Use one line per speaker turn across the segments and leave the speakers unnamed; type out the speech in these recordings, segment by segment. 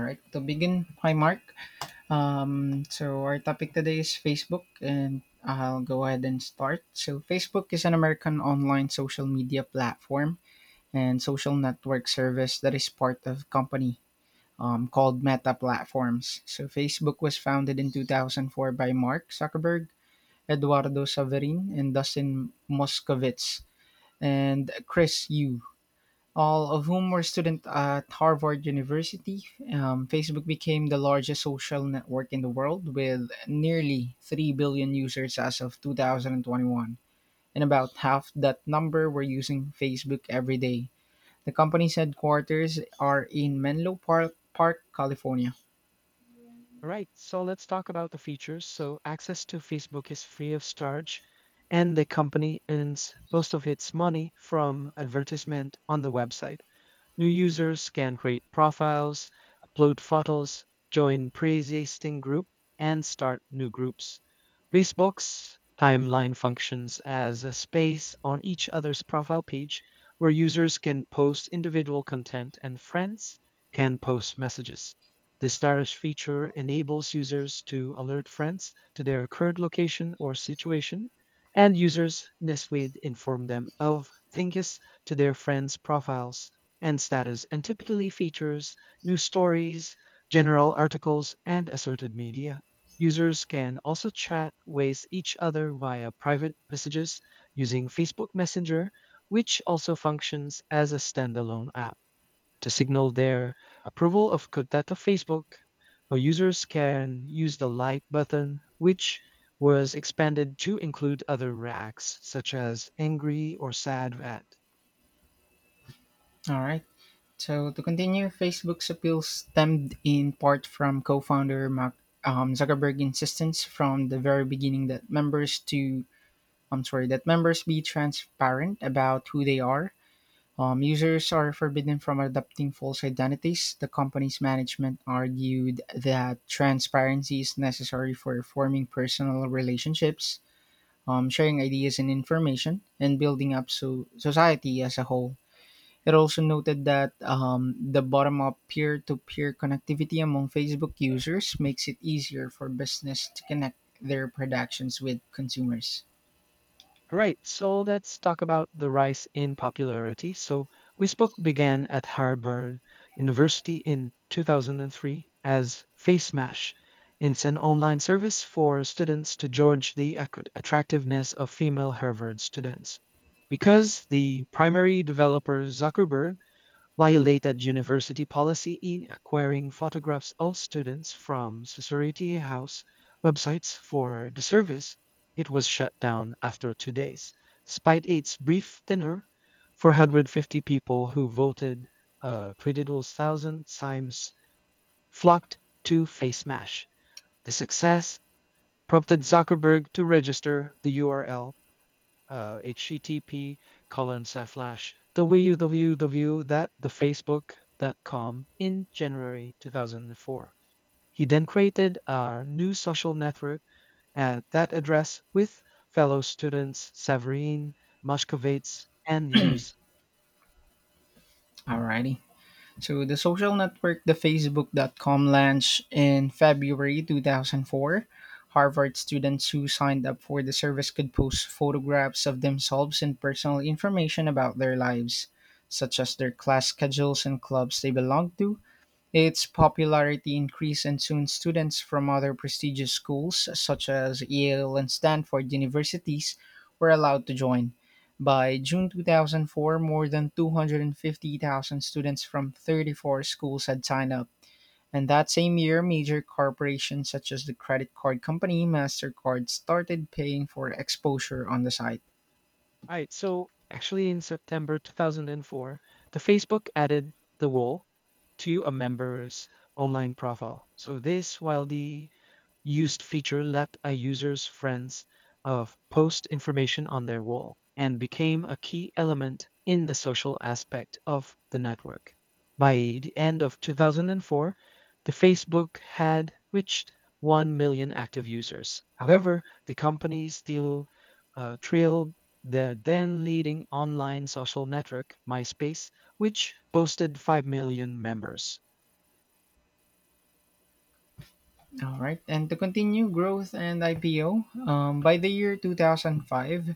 All right, to begin, hi Mark. So our topic today is Facebook, and I'll go ahead and start. So Facebook is an American online social media platform and social network service that is part of a company called Meta Platforms. So Facebook was founded in 2004 by Mark Zuckerberg, Eduardo Saverin, and Dustin Moskovitz, and Chris Yu all of whom were students at Harvard University. Facebook became the largest social network in the world with nearly 3 billion users as of 2021, and about half that number were using Facebook every day. The company's headquarters are in Menlo Park, California.
All right. So let's talk about the features. So access to Facebook is free of charge, and the company earns most of its money from advertisement on the website. New users can create profiles, upload photos, join pre-existing group, and start new groups. Facebook's timeline functions as a space on each other's profile page where users can post individual content and friends can post messages. This stylish feature enables users to alert friends to their current location or situation, and users this way inform them of changes to their friends' profiles and status and typically features news stories, general articles, and assorted media. Users can also chat with each other via private messages using Facebook Messenger, which also functions as a standalone app to signal their approval of Kodato Facebook. Or users can use the like button, which was expanded to include other reacts such as angry or sad at.
All right. So to continue, Facebook's appeal stemmed in part from co-founder Mark Zuckerberg insistence from the very beginning that members to I'm sorry, that members be transparent about who they are. Users are forbidden from adopting false identities. The company's management argued that transparency is necessary for forming personal relationships, sharing ideas and information, and building up society as a whole. It also noted that the bottom up peer to peer connectivity among Facebook users makes it easier for business to connect their productions with consumers.
All right, so let's talk about the rise in popularity. So, Wisbook began at Harvard University in 2003 as FaceMash. It's an online service for students to judge the attractiveness of female Harvard students. Because the primary developer, Zuckerberg, violated university policy in acquiring photographs of students from sorority house websites for the service, it was shut down after 2 days. Despite its brief tenure, 450 people who voted Pretidul's thousand times flocked to FaceMash. The success prompted Zuckerberg to register the URL http colon slash www that the facebook.com in January 2004. He then created a new social network at that address with fellow students Severine, Moshkovitz, and Hughes.
Alrighty. So the social network, the Facebook.com launch in February 2004. Harvard students who signed up for the service could post photographs of themselves and personal information about their lives, such as their class schedules and clubs they belonged to, its popularity increased and soon students from other prestigious schools such as Yale and Stanford universities were allowed to join. By June 2004, more than 250,000 students from 34 schools had signed up. And that same year, major corporations such as the credit card company MasterCard started paying for exposure on the site.
All right, so actually in September 2004, the Facebook added the wall to a member's online profile. So this while the used feature let a user's friends of post information on their wall and became a key element in the social aspect of the network. By the end of 2004, the Facebook had reached 1 million active users. However, the company still trailed the then leading online social network, MySpace, which boasted 5 million members.
All right, and to continue growth and IPO, by the year 2005,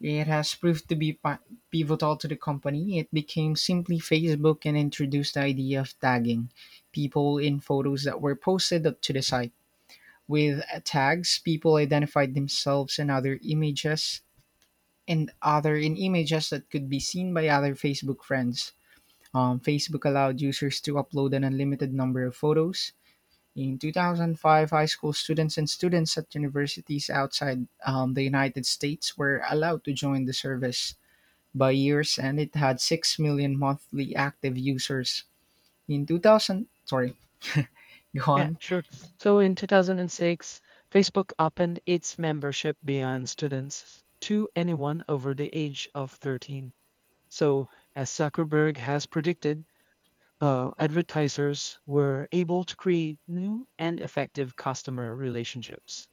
it has proved to be pivotal to the company. It became simply Facebook and introduced the idea of tagging people in photos that were posted up to the site. With tags, people identified themselves and other in images that could be seen by other Facebook friends. Facebook allowed users to upload an unlimited number of photos. In 2005, high school students and students at universities outside the United States were allowed to join the service by year's and it had 6 million monthly active users. In 2000, sorry, go
Yeah,
on.
sure. So in 2006, Facebook opened its membership beyond students to anyone over the age of 13. So, as Zuckerberg has predicted, advertisers were able to create new and effective customer relationships.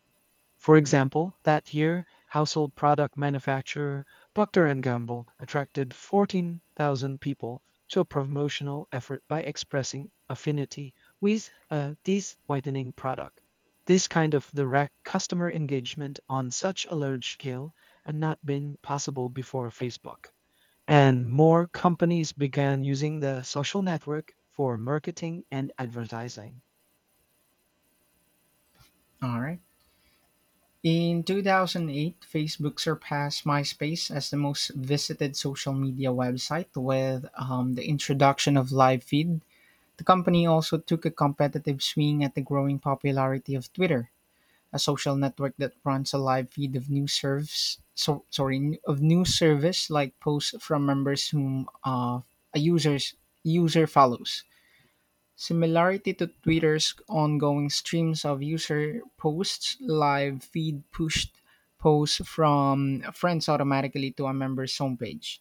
For example, that year, household product manufacturer Procter & Gamble attracted 14,000 people to a promotional effort by expressing affinity with a teeth whitening product. This kind of direct customer engagement on such a large scale had not been possible before Facebook, and more companies began using the social network for marketing and advertising.
All right. In 2008, Facebook surpassed MySpace as the most visited social media website with the introduction of live feed. The company also took a competitive swing at the growing popularity of Twitter. A social network that runs a live feed of news service. Of news service like posts from members whom a user's user follows. Similarity to Twitter's ongoing streams of user posts, live feed pushed posts from friends automatically to a member's homepage.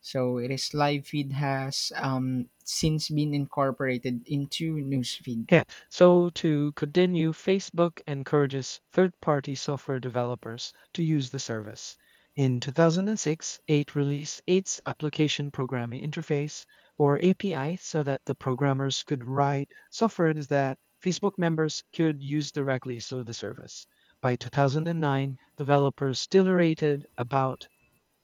So it is live feed has since been incorporated into newsfeed.
Yeah. So to continue, Facebook encourages third party software developers to use the service. In 2006, it released its application programming interface or API so that the programmers could write software that Facebook members could use directly through the service. By 2009, developers still rated about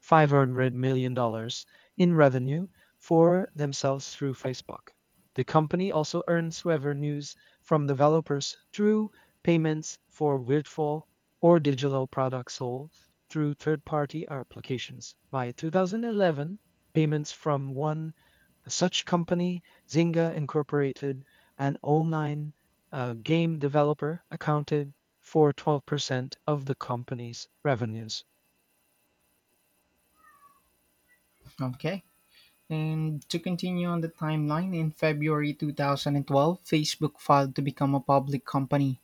$500 million dollars in revenue for themselves through Facebook. The company also earns revenues from developers through payments for virtual or digital products sold through third-party applications. By 2011, payments from one such company, Zynga Incorporated, an online game developer, accounted for 12% of the company's revenues.
Okay. And to continue on the timeline, in February 2012, Facebook filed to become a public company.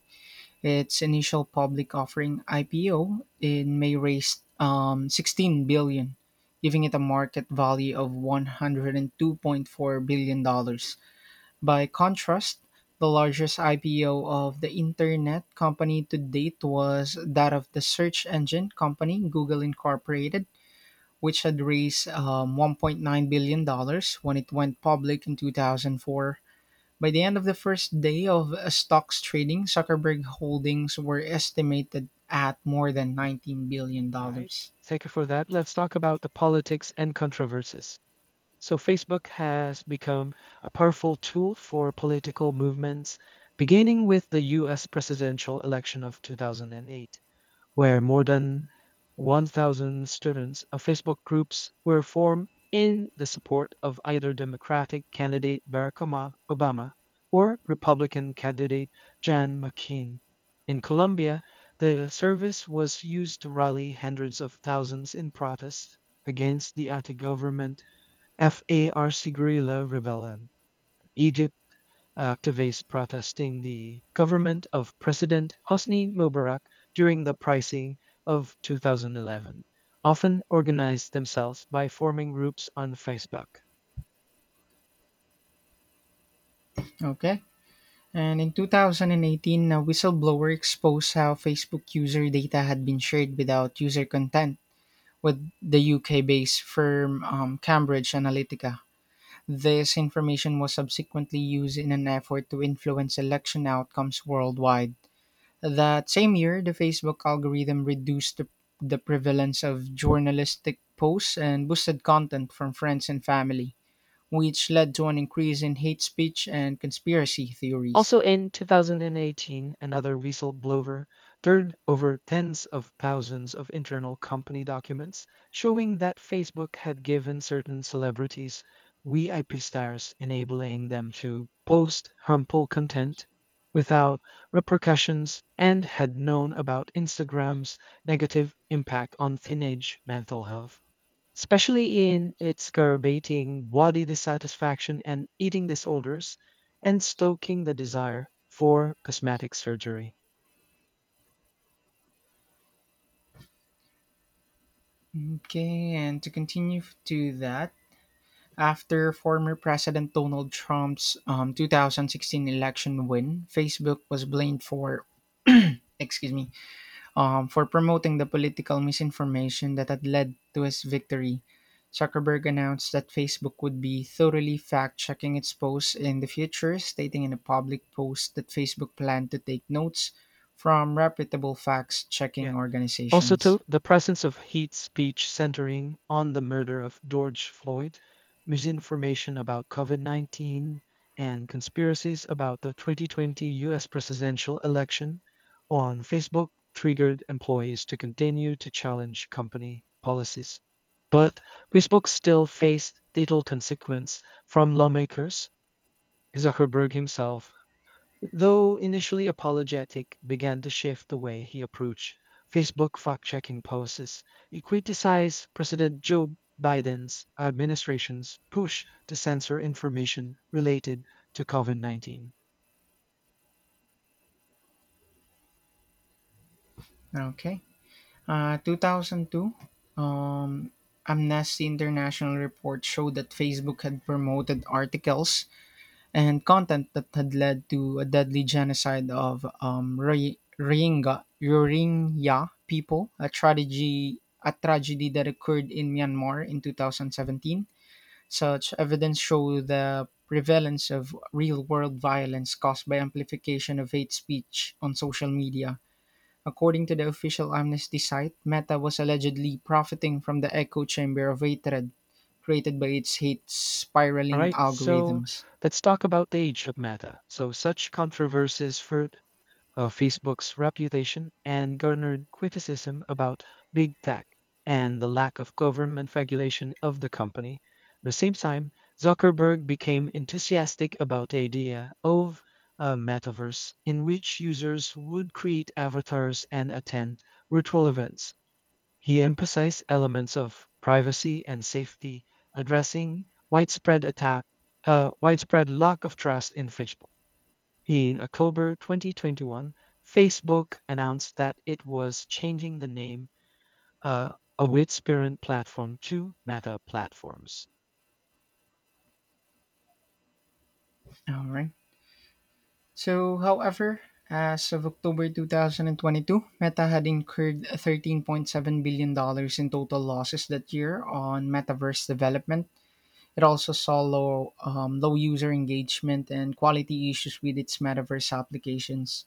Its initial public offering IPO in May raised 16 billion, giving it a market value of 102.4 billion dollars. By contrast, the largest IPO of the internet company to date was that of the search engine company Google Incorporated which had raised $1.9 billion dollars when it went public in 2004. By the end of the first day of stocks trading, Zuckerberg holdings were estimated at more than $19
All right.
billion. dollars.
Thank you for that. Let's talk about the politics and controversies. So, Facebook has become a powerful tool for political movements, beginning with the US presidential election of 2008 where more than 1,000 students of Facebook groups were formed in the support of either Democratic candidate Barack Obama or Republican candidate John McCain. In Colombia, the service was used to rally hundreds of thousands in protest against the anti government FARC guerrilla rebellion. E.J activists protesting the government of President Hosni Mubarak during the pricing of 2011 often organized themselves by forming groups on Facebook.
Okay. And in 2018, a whistleblower exposed how Facebook user data had been shared without user consent with the UK based firm Cambridge Analytica. This information was subsequently used in an effort to influence election outcomes worldwide. That same year, the Facebook algorithm reduced the prevalence of journalistic posts and boosted content from friends and family, which led to an increase in hate speech and conspiracy theories.
Also in 2018, another whistleblower turned over tens of thousands of internal company documents showing that Facebook had given certain celebrities VIP stars, enabling them to post harmful content without repercussions and had known about Instagram's negative impact on teenage mental health especially in exacerbating body dissatisfaction and eating disorders and stoking the desire for cosmetic surgery.
Okay, and to continue to that, after former President Donald Trump's 2016 election win, Facebook was blamed for, excuse me, for promoting the political misinformation that had led to his victory. Zuckerberg announced that Facebook would be thoroughly fact checking its posts in the future, stating in a public post that Facebook planned to take notes from reputable fact checking
Yeah, also
organizations.
to the presence of hate speech centering on the murder of George Floyd, misinformation about COVID-19, and conspiracies about the 2020 US presidential election on Facebook triggered employees to continue to challenge company policies. But Facebook still faced little consequence from lawmakers. Zuckerberg himself though initially apologetic, began to shift the way he approached Facebook fact checking posts. He criticized President Joe Biden's administration's push to censor information related to COVID 19.
Okay. 2002, um, Amnesty International report showed that Facebook had promoted articles and content that had led to a deadly genocide of Rohingya, a tragedy that occurred in Myanmar in 2017. Such evidence show the prevalence of real-world violence caused by amplification of hate speech on social media. According to the official Amnesty site, Meta was allegedly profiting from the echo chamber of hatred created by its hate
All
spiraling
right, so
algorithms.
let's talk about the age of Meta. So, such controversies of Facebook's reputation and garnered criticism about big tech and the lack of government regulation of the company. At the same time, Zuckerberg became enthusiastic about the idea of a metaverse in which users would create avatars and attend virtual events. He emphasized elements of privacy and safety, addressing widespread attack, widespread lack of trust in Facebook. In October 2021, Facebook announced that it was changing the name uh, of its parent platform to Meta Platforms.
All right. So, however, as of October 2022, Meta had incurred $13.7 billion dollars in total losses that year on metaverse development. It also saw low user engagement and quality issues with its metaverse applications.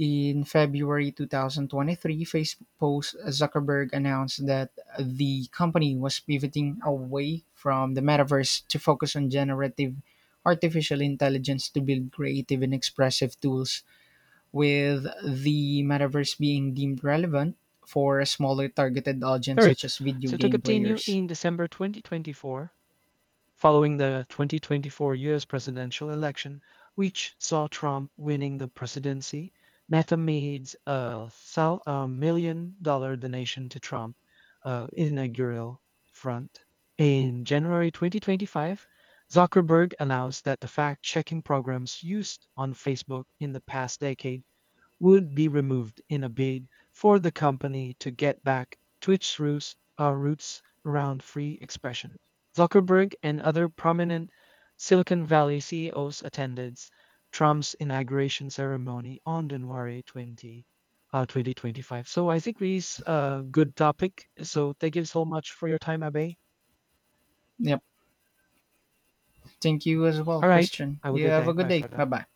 In February 2023, Facebook post Zuckerberg announced that the company was pivoting away from the metaverse to focus on generative artificial intelligence to build creative and expressive tools, with the metaverse being deemed relevant for a smaller targeted audience
All right.
such as video
So to
game
continue,
players.
in December 2024, following the 2024 U.S. presidential election, which saw Trump winning the presidency, Meta made a $1 million donation to Trump inaugural front. In January 2025, Zuckerberg announced that the fact checking programs used on Facebook in the past decade would be removed in a bid for the company to get back to its roots, roots around free expression. Zuckerberg and other prominent Silicon Valley CEOs attended Trump's inauguration ceremony on January 20, 2025. So I think this is a good topic. So thank you so much for your time, Abe.
Yep. Thank you as well,
All right.
Christian.
Have a
You
good
have a
day.
good
Bye for
day. Bye
now.
bye.